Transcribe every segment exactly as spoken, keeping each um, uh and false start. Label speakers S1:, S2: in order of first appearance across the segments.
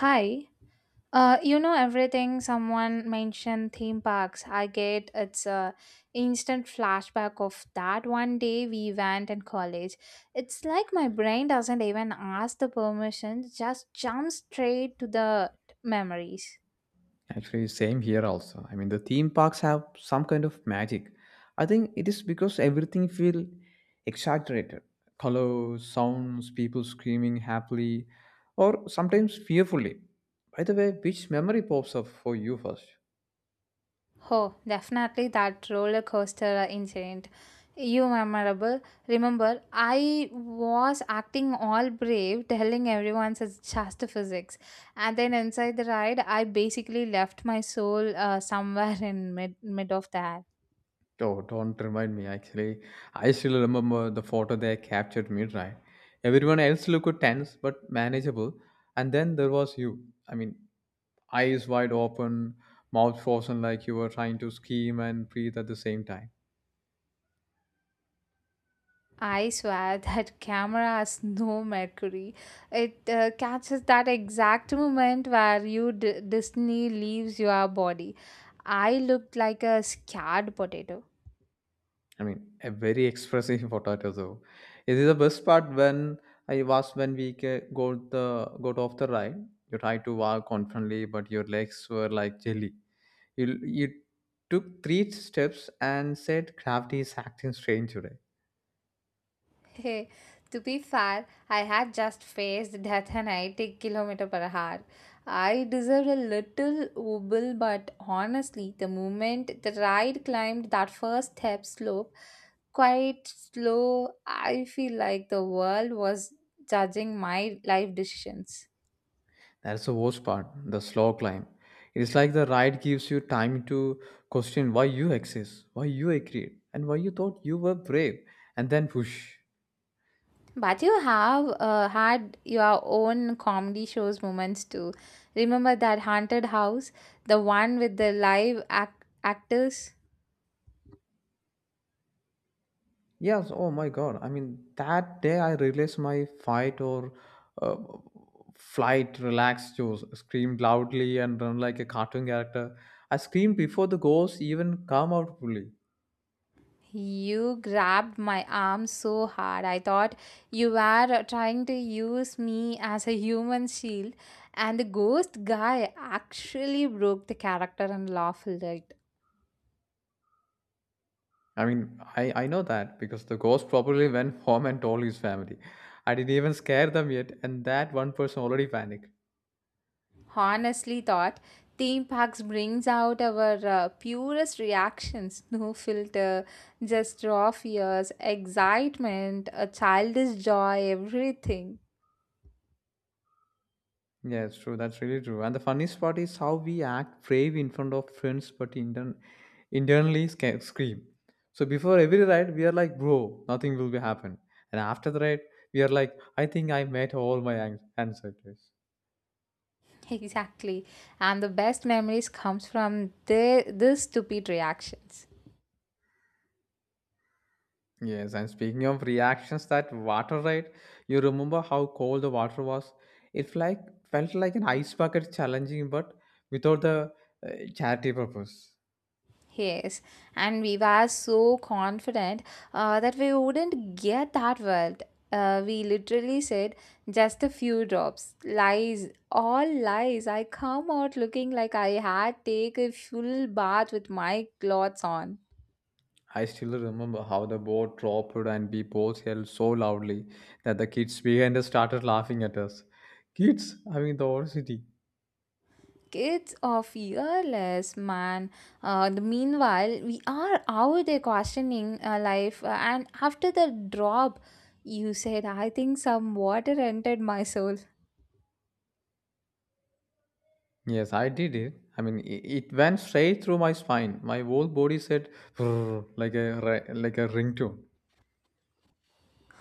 S1: Hi. Uh, you know everything someone mentioned theme parks. I get it's a instant flashback of that one day we went in college. It's like my brain doesn't even ask the permission, just jumps straight to the memories.
S2: Actually, same here also. I mean, the theme parks have some kind of magic. I think it is because everything feel exaggerated. Colors, sounds, people screaming happily, or sometimes fearfully. By the way, which memory pops up for you first?
S1: Oh, definitely that roller coaster incident. You memorable. Remember, I was acting all brave, telling everyone it's just physics. And then inside the ride, I basically left my soul uh, somewhere in mid, mid of that.
S2: Oh, don't remind me. Actually, I still remember the photo they captured at midnight. Everyone else looked tense but manageable, and then there was you. I mean, eyes wide open, mouth frozen like you were trying to scream and breathe at the same time.
S1: I swear that camera has no mercury. It uh, catches that exact moment where you d- Disney leaves your body. I looked like a scared potato.
S2: I mean, a very expressive potato. So, it is the best part when I was when we ca- got the got off the ride. You tried to walk confidently, but your legs were like jelly. You you took three steps and said, "Gravity is acting strange today."
S1: Hey, to be fair, I had just faced death and eighty kilometer per hour. I deserved a little wobble, but honestly, the moment the ride climbed that first step slope, quite slow, I feel like the world was judging my life decisions.
S2: That's the worst part. The slow climb. It's like the ride gives you time to question why you exist, why you agreed, and why you thought you were brave, and then push.
S1: But you have uh, had your own comedy shows moments too. Remember that haunted house, the one with the live ac- actors?
S2: Yes, oh my God. I mean, that day I released my fight or uh, flight relax juice, screamed loudly and run like a cartoon character. I screamed before the ghost even come out fully.
S1: You grabbed my arm so hard. I thought you were trying to use me as a human shield, and the ghost guy actually broke the character and laughed at it.
S2: I mean, I, I know that because the ghost probably went home and told his family. I didn't even scare them yet, and that one person already panicked.
S1: Honestly, thought theme parks brings out our uh, purest reactions, no filter, just raw fears, excitement, a childish joy, everything.
S2: Yeah, it's true. That's really true. And the funniest part is how we act brave in front of friends, but intern- internally sca- scream. So before every ride, we are like, bro, nothing will be happen. And after the ride, we are like, I think I met all my ans- answers.
S1: Exactly, and the best memories comes from the, the stupid reactions.
S2: Yes, and speaking of reactions, that water ride, you remember how cold the water was? It like felt like an ice bucket challenging, but without the uh, charity purpose.
S1: Yes, and we were so confident uh, that we wouldn't get that world. Uh, we literally said just a few drops. Lies, all lies. I come out looking like I had take a full bath with my clothes on.
S2: I still remember how the boat dropped and we both yelled so loudly that the kids behind us started laughing at us. Kids? I mean, the whole city.
S1: Kids are fearless, man. Uh, the meanwhile, we are out there questioning uh, life, uh, and after the drop, you said, I think some water entered my soul.
S2: Yes, I did it. I mean, i- it went straight through my spine. My whole body said "Brrr," like a ri- like a ringtone.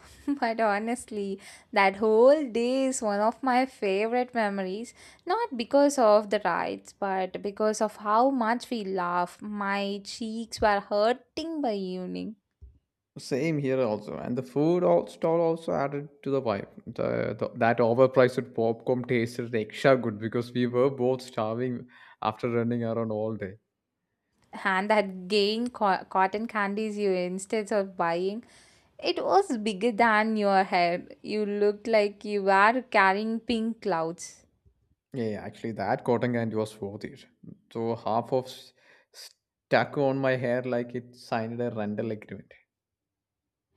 S1: But honestly, that whole day is one of my favorite memories, not because of the rides, but because of how much we laughed. My cheeks were hurting by evening.
S2: Same here also. And the food al- stall also added to the vibe. The, the That overpriced popcorn tasted extra good because we were both starving after running around all day.
S1: And that gain co- cotton candies you instead of buying, it was bigger than your head. You looked like you were carrying pink clouds.
S2: Yeah, yeah, actually, that cotton candy was worth it. So half of s- stuck on my hair like it signed a rental agreement.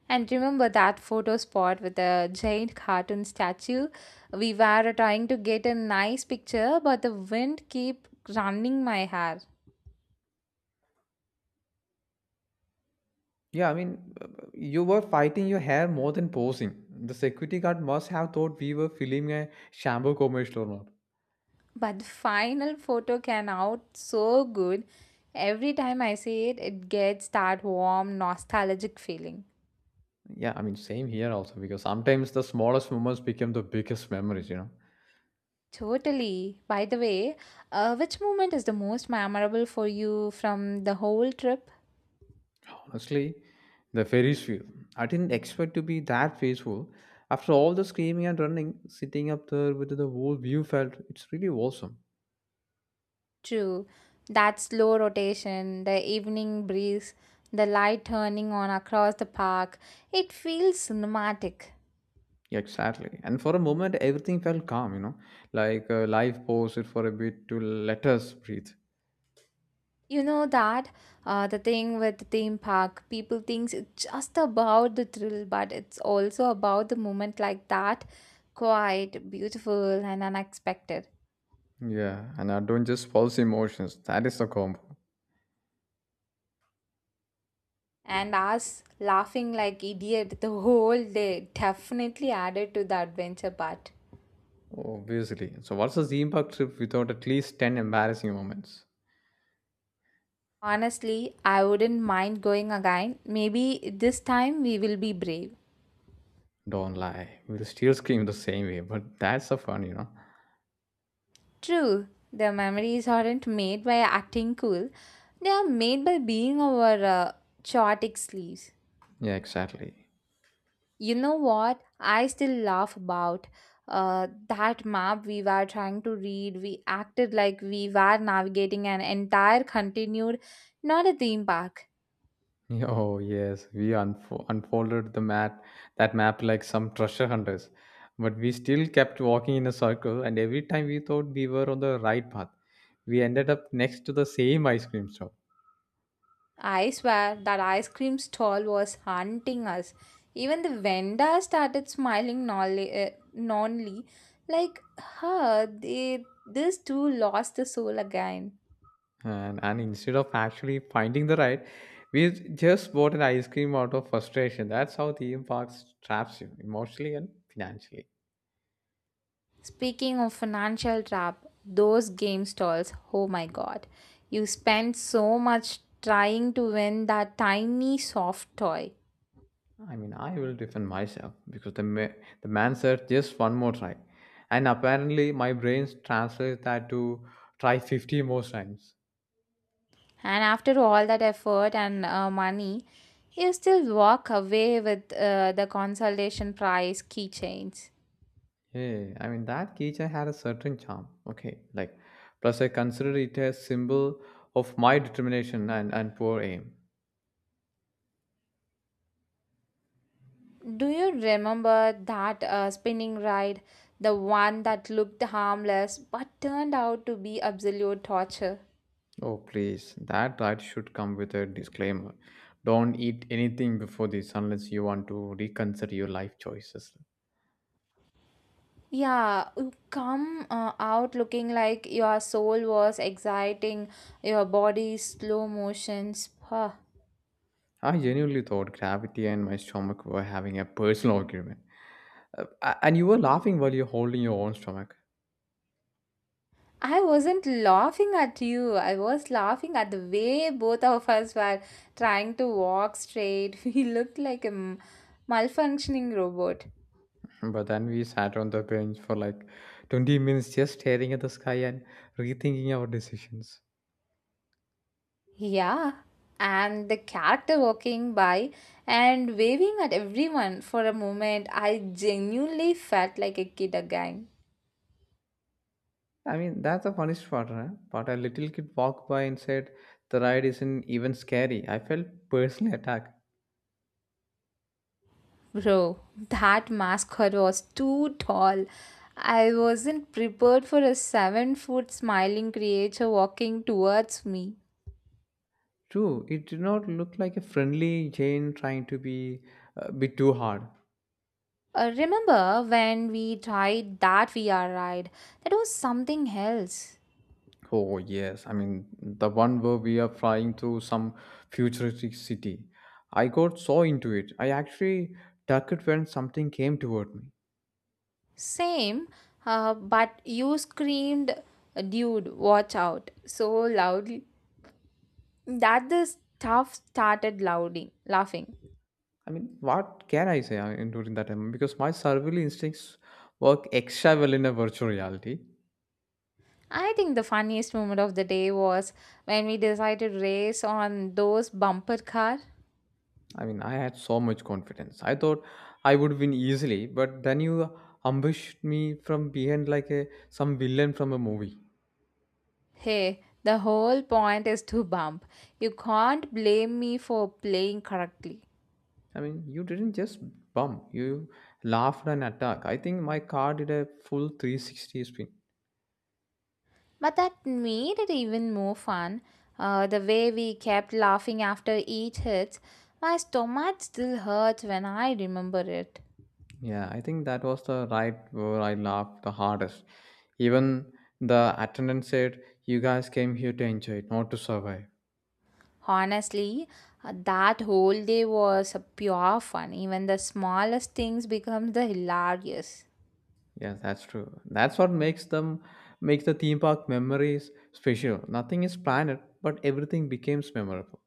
S1: And remember that photo spot with the giant cartoon statue? We were trying to get a nice picture, but the wind kept running my hair.
S2: Yeah, I mean, uh, you were fighting your hair more than posing. The security guard must have thought we were filming a shampoo commercial or not.
S1: But the final photo came out so good. Every time I see it, it gets that warm, nostalgic feeling.
S2: Yeah, I mean, same here also because sometimes the smallest moments become the biggest memories, you know.
S1: Totally. By the way, uh, which moment is the most memorable for you from the whole trip?
S2: Honestly, the Ferris wheel. I didn't expect to be that faithful. After all the screaming and running, sitting up there with the whole view felt, it's really awesome.
S1: True. That slow rotation, the evening breeze, the light turning on across the park, it feels cinematic.
S2: Yeah, exactly. And for a moment, everything felt calm, you know, like uh, life paused for a bit to let us breathe.
S1: You know that uh, the thing with the theme park, people thinks it's just about the thrill, but it's also about the moment like that, quiet, beautiful, and unexpected.
S2: Yeah, and I don't just false emotions. That is the combo,
S1: And us laughing like idiot the whole day definitely added to the adventure part.
S2: obviously. So, what's a theme park trip without at least ten embarrassing moments?
S1: Honestly, I wouldn't mind going again. Maybe this time we will be brave.
S2: Don't lie. We'll still scream the same way, but that's the fun, you know?
S1: True, the memories aren't made by acting cool, they are made by being our uh, chaotic sleeves.
S2: Yeah, exactly.
S1: You know what? I still laugh about uh, that map we were trying to read. We acted like we were navigating an entire continued, not a theme park.
S2: Oh yes, we unfo- unfolded the map, that map like some treasure hunters, but we still kept walking in a circle. And every time we thought we were on the right path, we ended up next to the same ice cream shop.
S1: I swear that ice cream stall was hunting us. Even the vendor started smiling nonly, uh, nonly like, huh, they, these two lost the soul again.
S2: And and instead of actually finding the right, we just bought an ice cream out of frustration. That's how theme parks traps you emotionally and financially.
S1: Speaking of financial trap, those game stalls, oh my god. You spend so much trying to win that tiny soft toy.
S2: I mean, I will defend myself because the ma- the man said just one more try, and apparently my brain translates that to try fifty more times.
S1: And after all that effort and uh, money, you still walk away with uh, the consolation prize keychains.
S2: Yeah, I mean that keychain had a certain charm. Okay, like plus I consider it a symbol of my determination and and poor aim.
S1: Do you remember that uh, spinning ride? The one that looked harmless but turned out to be absolute torture.
S2: Oh please, that right should come with a disclaimer. Don't eat anything before this unless you want to reconsider your life choices.
S1: Yeah, you come uh, out looking like your soul was exciting, your body slow motions. Huh.
S2: I genuinely thought gravity and my stomach were having a personal argument. Uh, a- and you were laughing while you're holding your own stomach.
S1: I wasn't laughing at you, I was laughing at the way both of us were trying to walk straight. We looked like a m- malfunctioning robot.
S2: But then we sat on the bench for like twenty minutes just staring at the sky and rethinking our decisions.
S1: Yeah, and the character walking by and waving at everyone for a moment, I genuinely felt like a kid again.
S2: I mean, that's the funniest part, huh? But a little kid walked by and said, the ride isn't even scary. I felt personally attacked.
S1: Bro, that mascot was too tall. I wasn't prepared for a seven foot smiling creature walking towards me.
S2: True, it did not look like a friendly Jane trying to be a bit too hard.
S1: Uh, remember when we tried that V R ride? That was something else.
S2: Oh, yes. I mean, the one where we are flying through some futuristic city. I got so into it. I actually ducked it when something came toward me.
S1: Same, uh, but you screamed, dude, watch out, so loudly that the staff started louding, laughing.
S2: I mean, what can I say I mean, during that time? Because my survival instincts work extra well in a virtual reality.
S1: I think the funniest moment of the day was when we decided to race on those bumper car.
S2: I mean, I had so much confidence. I thought I would win easily, but then you ambushed me from behind like a some villain from a movie.
S1: Hey, the whole point is to bump. You can't blame me for playing correctly.
S2: I mean, you didn't just bump, you laughed and attack. I think my car did a full three sixty spin.
S1: But that made it even more fun. Uh, the way we kept laughing after each hit, my stomach still hurts when I remember it.
S2: Yeah, I think that was the ride where I laughed the hardest. Even the attendant said, you guys came here to enjoy it, not to survive.
S1: Honestly, uh, that whole day was a pure fun. Even the smallest things become the hilarious.
S2: Yes, that's true. That's what makes them makes the theme park memories special. Nothing is planned, but everything becomes memorable.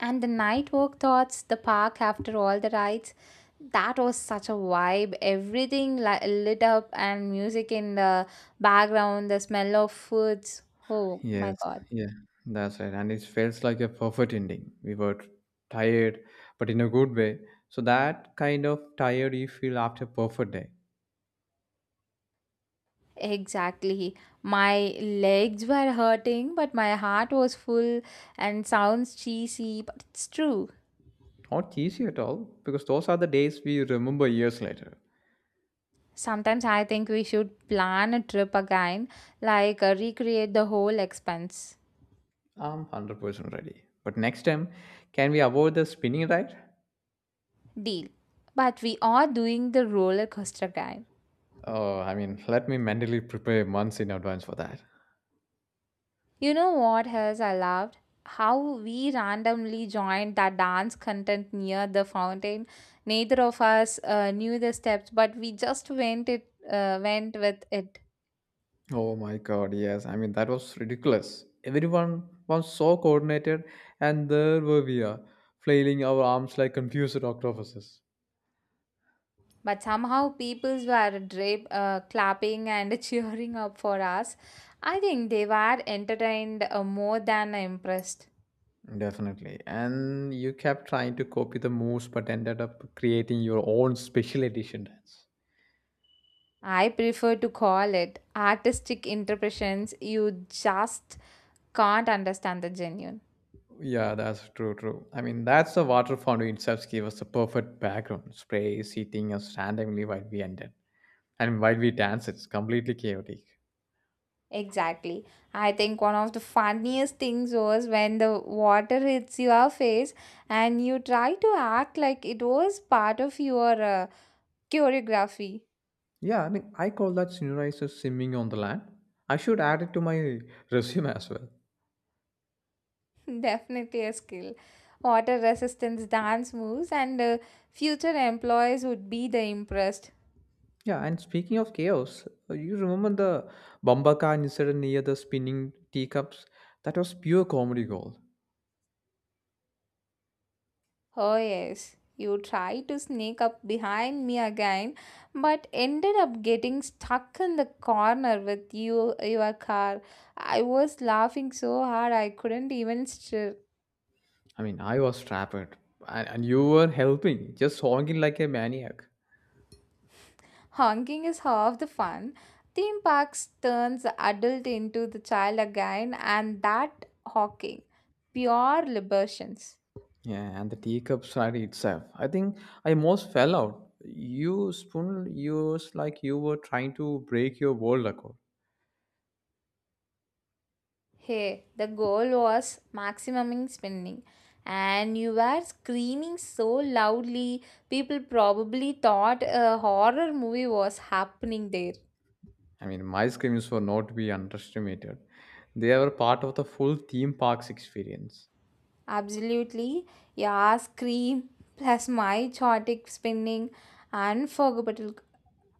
S1: And the night walk thoughts, the park after all the rides, that was such a vibe. Everything li- lit up and music in the background, the smell of foods. Oh my
S2: Yes,
S1: god.
S2: yeah, that's right. And it feels like a perfect ending. We were tired, but in a good way. So that kind of tired you feel after a perfect day.
S1: Exactly. My legs were hurting, but my heart was full and sounds cheesy, but it's true.
S2: Not easy at all, because those are the days we remember years later.
S1: Sometimes I think we should plan a trip again, like uh, recreate the whole expense.
S2: I'm one hundred percent ready. But next time, can we avoid the spinning ride?
S1: Deal. But we are doing the roller coaster again.
S2: Oh, I mean, let me mentally prepare months in advance for that.
S1: You know what else I loved? How we randomly joined that dance content near the fountain. Neither of us uh, knew the steps, but we just went it uh, went with it.
S2: Oh my God, yes. I mean, that was ridiculous. Everyone was so coordinated, and there were we are, flailing our arms like confused octopuses.
S1: But somehow peoples were drap- uh, clapping and cheering up for us. I think they were entertained uh, more than impressed.
S2: Definitely. And you kept trying to copy the moves, but ended up creating your own special edition dance.
S1: I prefer to call it artistic interpretations. You just can't understand the genuine.
S2: Yeah, that's true, true. I mean, that's the water fountain itself gave us the perfect background. Spray, seating us randomly while we ended. And while we danced, it's completely chaotic.
S1: Exactly. I think one of the funniest things was when the water hits your face and you try to act like it was part of your uh, choreography.
S2: Yeah, I mean, I call that sunrise as simming on the land. I should add it to my resume as well.
S1: Definitely a skill. Water resistance dance moves, and uh, future employees would be the impressed.
S2: Yeah, and speaking of chaos, uh, you remember the Bambaka incident near the spinning teacups? That was pure comedy gold.
S1: Oh, yes, you tried to sneak up behind me again, but ended up getting stuck in the corner with you, your car. I was laughing so hard I couldn't even stir.
S2: I mean, I was trapped, and, and you were helping, just honking like a maniac.
S1: Honking is half the fun. Theme parks turns adult into the child again, and that honking, pure liberations.
S2: Yeah, and the teacup slide itself. I think I most fell out. You spoon yours like you were trying to break your world record.
S1: Hey, the goal was maximum spending, and you were screaming so loudly, people probably thought a horror movie was happening there.
S2: I mean, ice creams were not to be underestimated. They were part of the full theme parks experience.
S1: Absolutely, yeah, scream plus my chaotic spinning, unforgettable,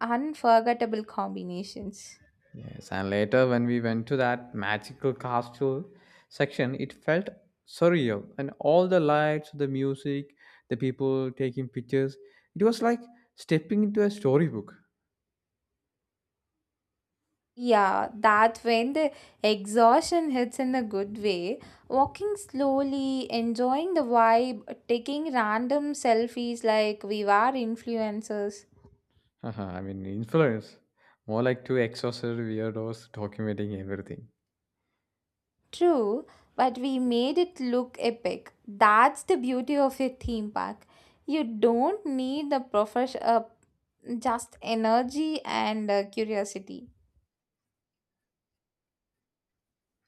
S1: unforgettable combinations.
S2: Yes, and later when we went to that magical castle section, it felt surreal. And all the lights, the music, the people taking pictures, it was like stepping into a storybook.
S1: Yeah, that when the exhaustion hits in a good way, walking slowly, enjoying the vibe, taking random selfies like we were influencers.
S2: I mean, influence. More like two exhausted weirdos documenting everything.
S1: True, but we made it look epic. That's the beauty of a theme park. You don't need the profession, uh, just energy and uh, curiosity.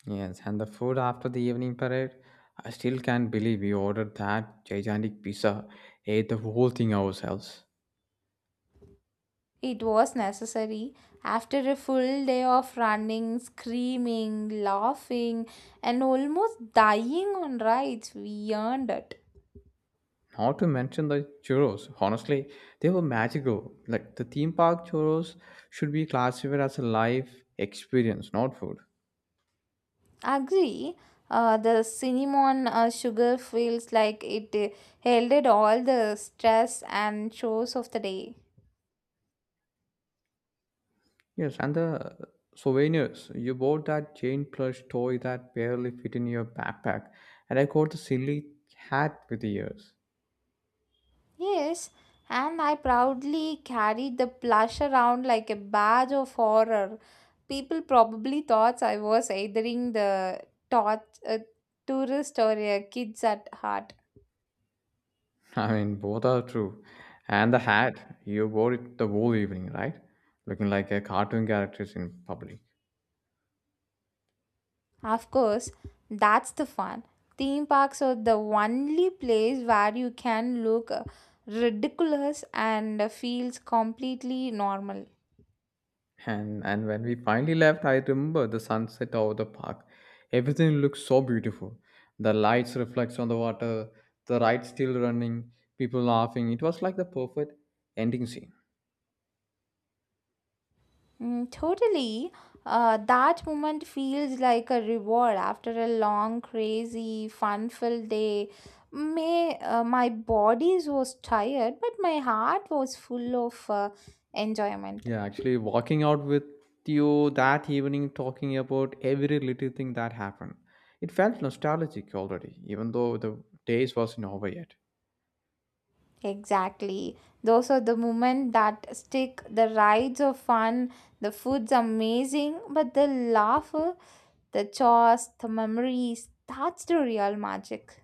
S2: Yes, and the food after the evening parade, I still can't believe we ordered that gigantic pizza, ate the whole thing ourselves.
S1: It was necessary. After a full day of running, screaming, laughing, and almost dying on rides, we earned it.
S2: Not to mention the churros. Honestly, they were magical. Like the theme park churros should be classified as a life experience, not food.
S1: Agree. Uh, the cinnamon uh, sugar feels like it uh, heralded all the stress and chores of the day.
S2: Yes, and the souvenirs. You bought that giant plush toy that barely fit in your backpack, and I got the silly hat with the ears.
S1: Yes, and I proudly carried the plush around like a badge of honor. People probably thought I was either the tot- a tourist or a kids at heart.
S2: I mean, both are true. And the hat, you wore it the whole evening, right? Looking like a cartoon character in public.
S1: Of course, that's the fun. Theme parks are the only place where you can look uh, ridiculous and feels completely normal.
S2: And and when we finally left, I remember the sunset over the park. Everything looked so beautiful. The lights reflects on the water, the ride still running, people laughing. It was like the perfect ending scene.
S1: Mm, totally. Uh, that moment feels like a reward after a long, crazy, fun-filled day. May uh, my body was tired, but my heart was full of uh, enjoyment.
S2: Yeah, actually walking out with you that evening talking about every little thing that happened. It felt nostalgic already, even though the days wasn't over yet.
S1: Exactly. Those are the moments that stick. The rides are fun. The food's amazing, but the laughter, the chores, the memories—that's the real magic.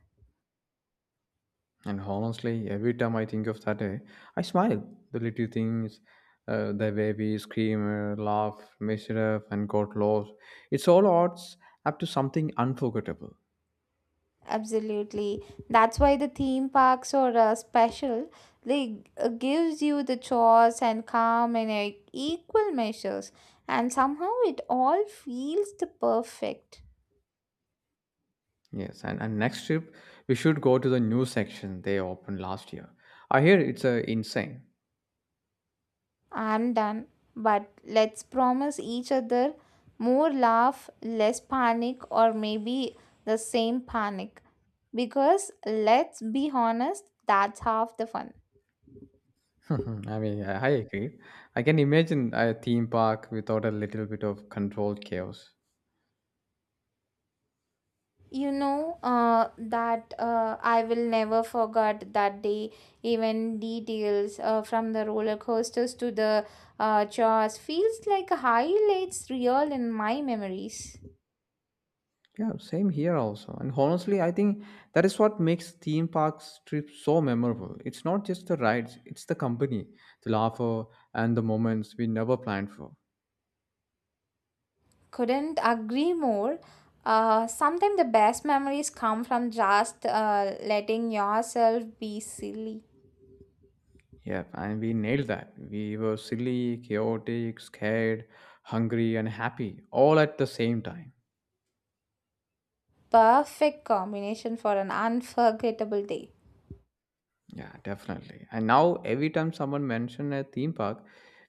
S2: And honestly, every time I think of that day, I smile. The little things, uh, the way we scream, uh, laugh, measure up, and got lost. It's all odds up to something unforgettable.
S1: Absolutely. That's why the theme parks are uh, special. They uh, gives you the chores and calm in uh, equal measures, and somehow it all feels the perfect.
S2: Yes, and, and next trip, we should go to the new section they opened last year. I hear it's uh, insane.
S1: I'm done, but let's promise each other more laugh, less panic, or maybe the same panic. Because let's be honest, that's half the fun.
S2: I mean, I I agree. I can imagine a theme park without a little bit of controlled chaos.
S1: You know uh, that uh, I will never forget that day even details uh, from the roller coasters to the uh, chores feels like highlights real in my memories.
S2: Yeah, same here also. And honestly, I think that is what makes theme parks trips so memorable. It's not just the rides, it's the company, the laughter, and the moments we never planned for.
S1: Couldn't agree more. Uh, sometimes the best memories come from just uh, letting yourself be silly.
S2: Yeah, and we nailed that. We were silly, chaotic, scared, hungry, and happy all at the same time.
S1: Perfect combination for an unforgettable day.
S2: Yeah, definitely. And now, every time someone mentions a theme park,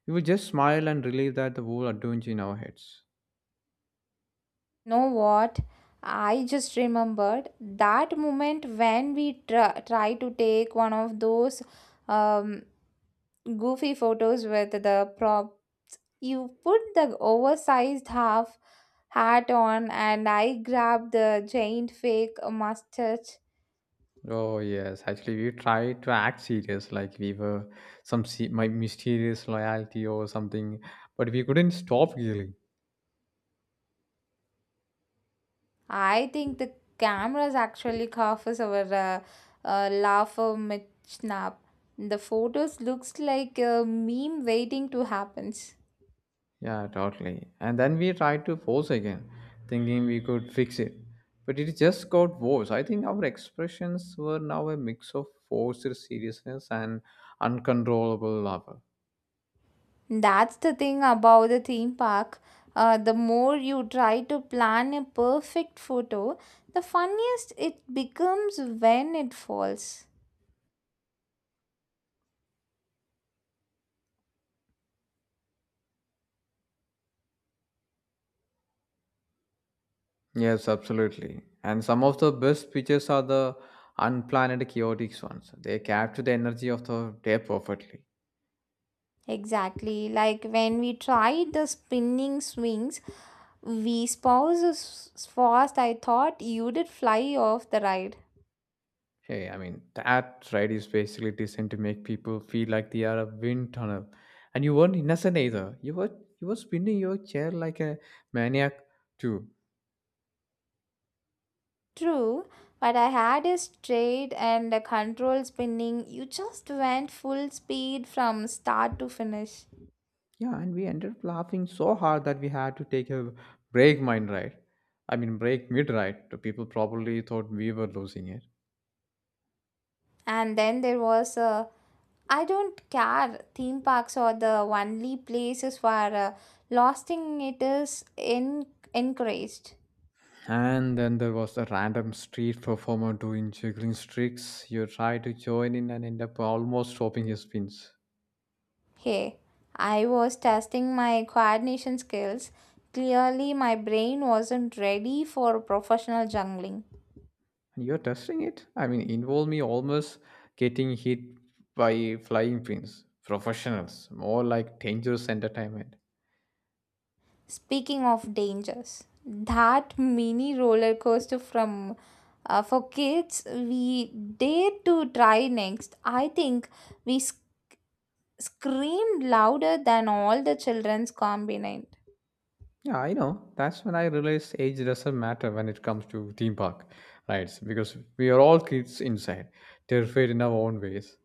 S2: we will just smile and relieve that the whole adventure in our heads.
S1: Know what? I just remembered that moment when we tr- try to take one of those um, goofy photos with the prop. You put the oversized half hat on, and I grabbed the giant fake mustache.
S2: Oh yes, actually we tried to act serious, like we were some se- my mysterious loyalty or something, but we couldn't stop giggling.
S1: I think the cameras actually covers our uh, uh, laugh or mid snap. The photos looks like a meme waiting to happen.
S2: Yeah, totally. And then we tried to pose again, thinking we could fix it, but it just got worse. I think our expressions were now a mix of forced seriousness and uncontrollable laughter.
S1: That's the thing about the theme park. Uh, the more you try to plan a perfect photo, the funniest it becomes when it falls.
S2: Yes, absolutely. And some of the best pictures are the unplanned, chaotic ones. They capture the energy of the day perfectly.
S1: Exactly, like when we tried the spinning swings, we spouse as fast I thought you did fly off the ride.
S2: Hey, I mean, that ride is basically designed to make people feel like they are a wind tunnel. And you weren't innocent either. You were you were spinning your chair like a maniac too.
S1: True, but I had a straight and a control spinning. You just went full speed from start to finish.
S2: Yeah, and we ended up laughing so hard that we had to take a break mind ride. I mean break mid ride. The people probably thought we were losing it.
S1: And then there was a I don't care. Theme parks are the only places where uh, losting it is in- encouraged.
S2: And then there was a random street performer doing juggling tricks. You try to join in and end up almost stopping his spins.
S1: Hey, I was testing my coordination skills. Clearly, my brain wasn't ready for professional jungling.
S2: You're testing it? I mean, involve me almost getting hit by flying pins. Professionals, more like dangerous entertainment.
S1: Speaking of dangers, that mini roller coaster from uh, for kids we dare to try next. I think we s- screamed louder than all the children's combined.
S2: Yeah, I know. That's when I realized age doesn't matter when it comes to theme park rides because we are all kids inside, terrified in our own ways.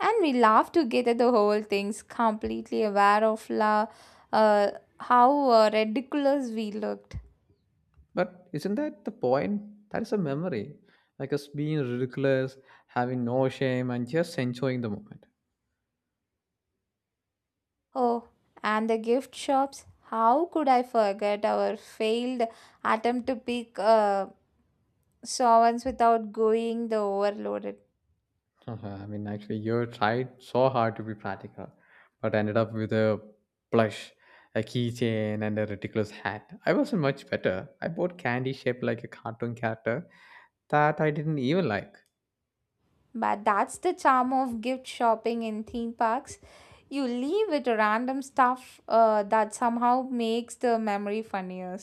S1: And we laughed together the whole things completely aware of la, uh, how uh, ridiculous we looked.
S2: But isn't that the point? That is a memory. Like us being ridiculous, having no shame, and just enjoying the moment.
S1: Oh, and the gift shops, how could I forget our failed attempt to pick uh, sovereigns without going the overloaded.
S2: I mean, actually, you tried so hard to be practical, but ended up with a plush, a keychain, and a ridiculous hat. I wasn't much better. I bought candy shaped like a cartoon character that I didn't even like.
S1: But that's the charm of gift shopping in theme parks. You leave with random stuff uh, that somehow makes the memory funnier.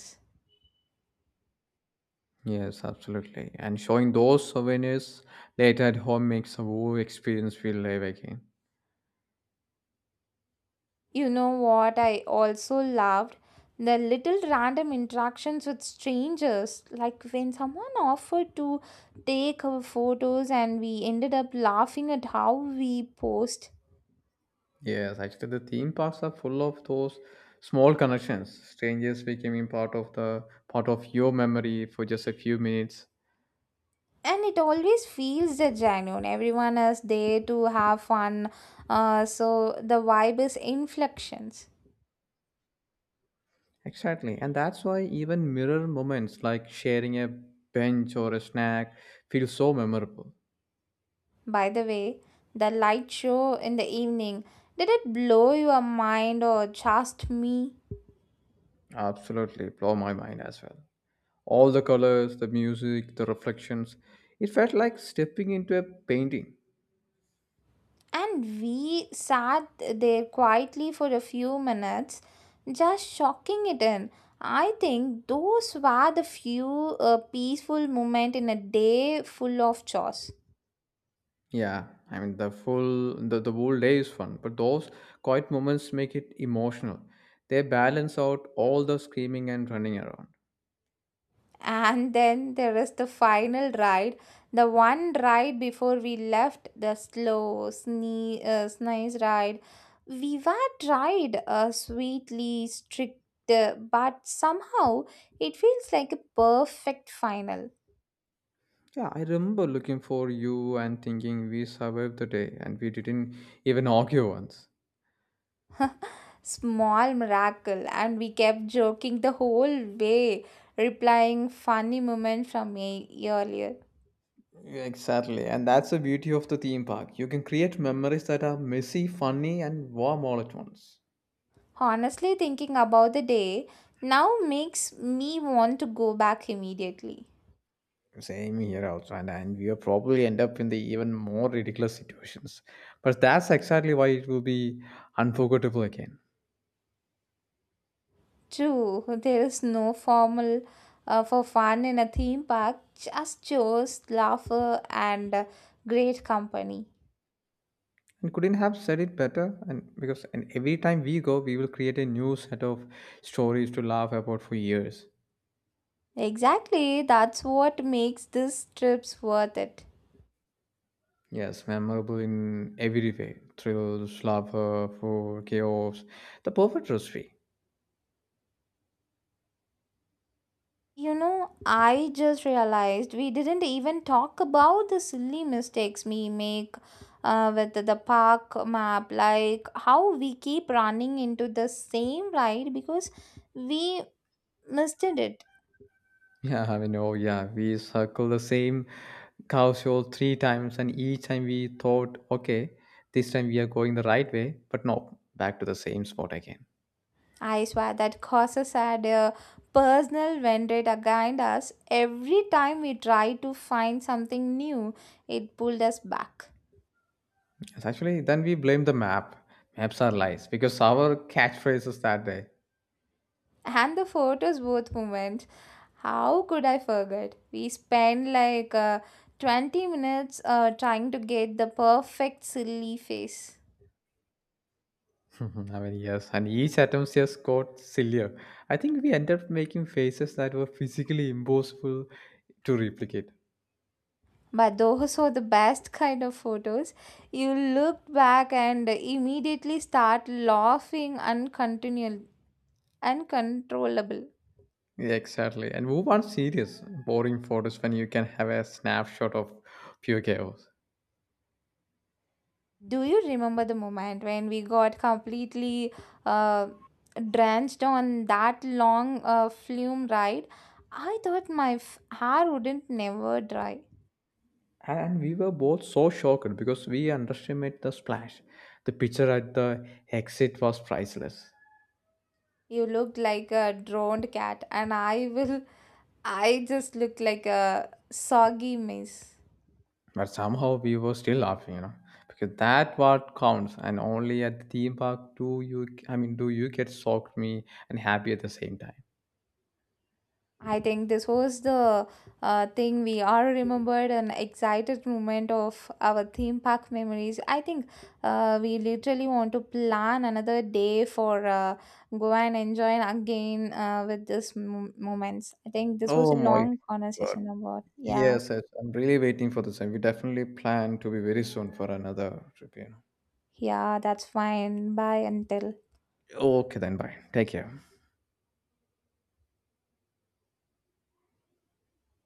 S2: Yes, absolutely. And showing those souvenirs later at home makes the whole experience feel live again.
S1: You know what? I also loved the little random interactions with strangers, like when someone offered to take our photos and we ended up laughing at how we posed.
S2: Yes, actually, the theme parks are full of those small connections. Strangers becoming part of the part of your memory for just a few minutes.
S1: And it always feels the genuine. Everyone is there to have fun. Uh, so the vibe is inflections.
S2: Exactly. And that's why even mirror moments like sharing a bench or a snack feel so memorable.
S1: By the way, the light show in the evening, did it blow your mind or just me?
S2: Absolutely blow my mind as well. All the colors, the music, the reflections. It felt like stepping into a painting.
S1: And we sat there quietly for a few minutes, just shocking it in. I think those were the few uh, peaceful moments in a day full of chores.
S2: Yeah, I mean the full the, the whole day is fun, but those quiet moments make it emotional. They balance out all the screaming and running around.
S1: And then there is the final ride, the one ride before we left, the slow, sne- uh, nice ride. We were tried uh, sweetly, strict, uh, but somehow it feels like a perfect final.
S2: Yeah, I remember looking for you and thinking we survived the day and we didn't even argue once.
S1: Small miracle, and we kept joking the whole way, replying funny moments from a earlier.
S2: Exactly, and that's the beauty of the theme park. You can create memories that are messy, funny, and warm all at once.
S1: Honestly, thinking about the day now makes me want to go back immediately.
S2: Same here also, and, and we will probably end up in the even more ridiculous situations. But that's exactly why it will be unforgettable again.
S1: True, there is no formal uh, for fun in a theme park, just chores, laughter, and uh, great company.
S2: And couldn't have said it better. And because and every time we go, we will create a new set of stories to laugh about for years.
S1: Exactly, that's what makes these trips worth it.
S2: Yes, memorable in every way: thrills, laughter, food, chaos, the perfect recipe.
S1: You know, I just realized we didn't even talk about the silly mistakes we make uh, with the park map, like how we keep running into the same ride because we missed it.
S2: Yeah, I mean, oh yeah, we circle the same cow show three times, and each time we thought, okay, this time we are going the right way, but no, back to the same spot again.
S1: I swear that causes had a personal vendetta against us every time we tried to find something new, it pulled us back.
S2: It's actually, then we blame the map. Maps are lies because our catchphrases that day.
S1: And the photos booth moment. How could I forget? We spent like uh, twenty minutes uh, trying to get the perfect silly face.
S2: I mean, yes, and each attempt just got sillier. I think we ended up making faces that were physically impossible to replicate.
S1: But those were the best kind of photos. You look back and immediately start laughing uncontinu- uncontrollable.
S2: Yeah, exactly. And who wants serious, boring photos when you can have a snapshot of pure chaos.
S1: Do you remember the moment when we got completely uh, drenched on that long uh, flume ride? I thought my f- hair wouldn't never dry.
S2: And we were both so shocked because we underestimated the splash. The picture at the exit was priceless,
S1: You looked like a drowned cat, and I will. I just looked like a soggy mess.
S2: but somehow we were still laughing, you know, because that what counts, and only at the theme park do you, I mean, do you get shocked, me, and happy at the same time.
S1: I think this was the uh, thing we all remembered an excited moment of our theme park memories. I think uh, we literally want to plan another day for uh, go and enjoy again uh, with this m- moments. I think this was a
S2: Oh my
S1: long
S2: god!
S1: conversation about yeah,
S2: Yes, yes, I'm really waiting for the same. We definitely plan to be very soon for another trip, you know.
S1: yeah, that's fine. Bye until.
S2: Okay, then bye. Take care.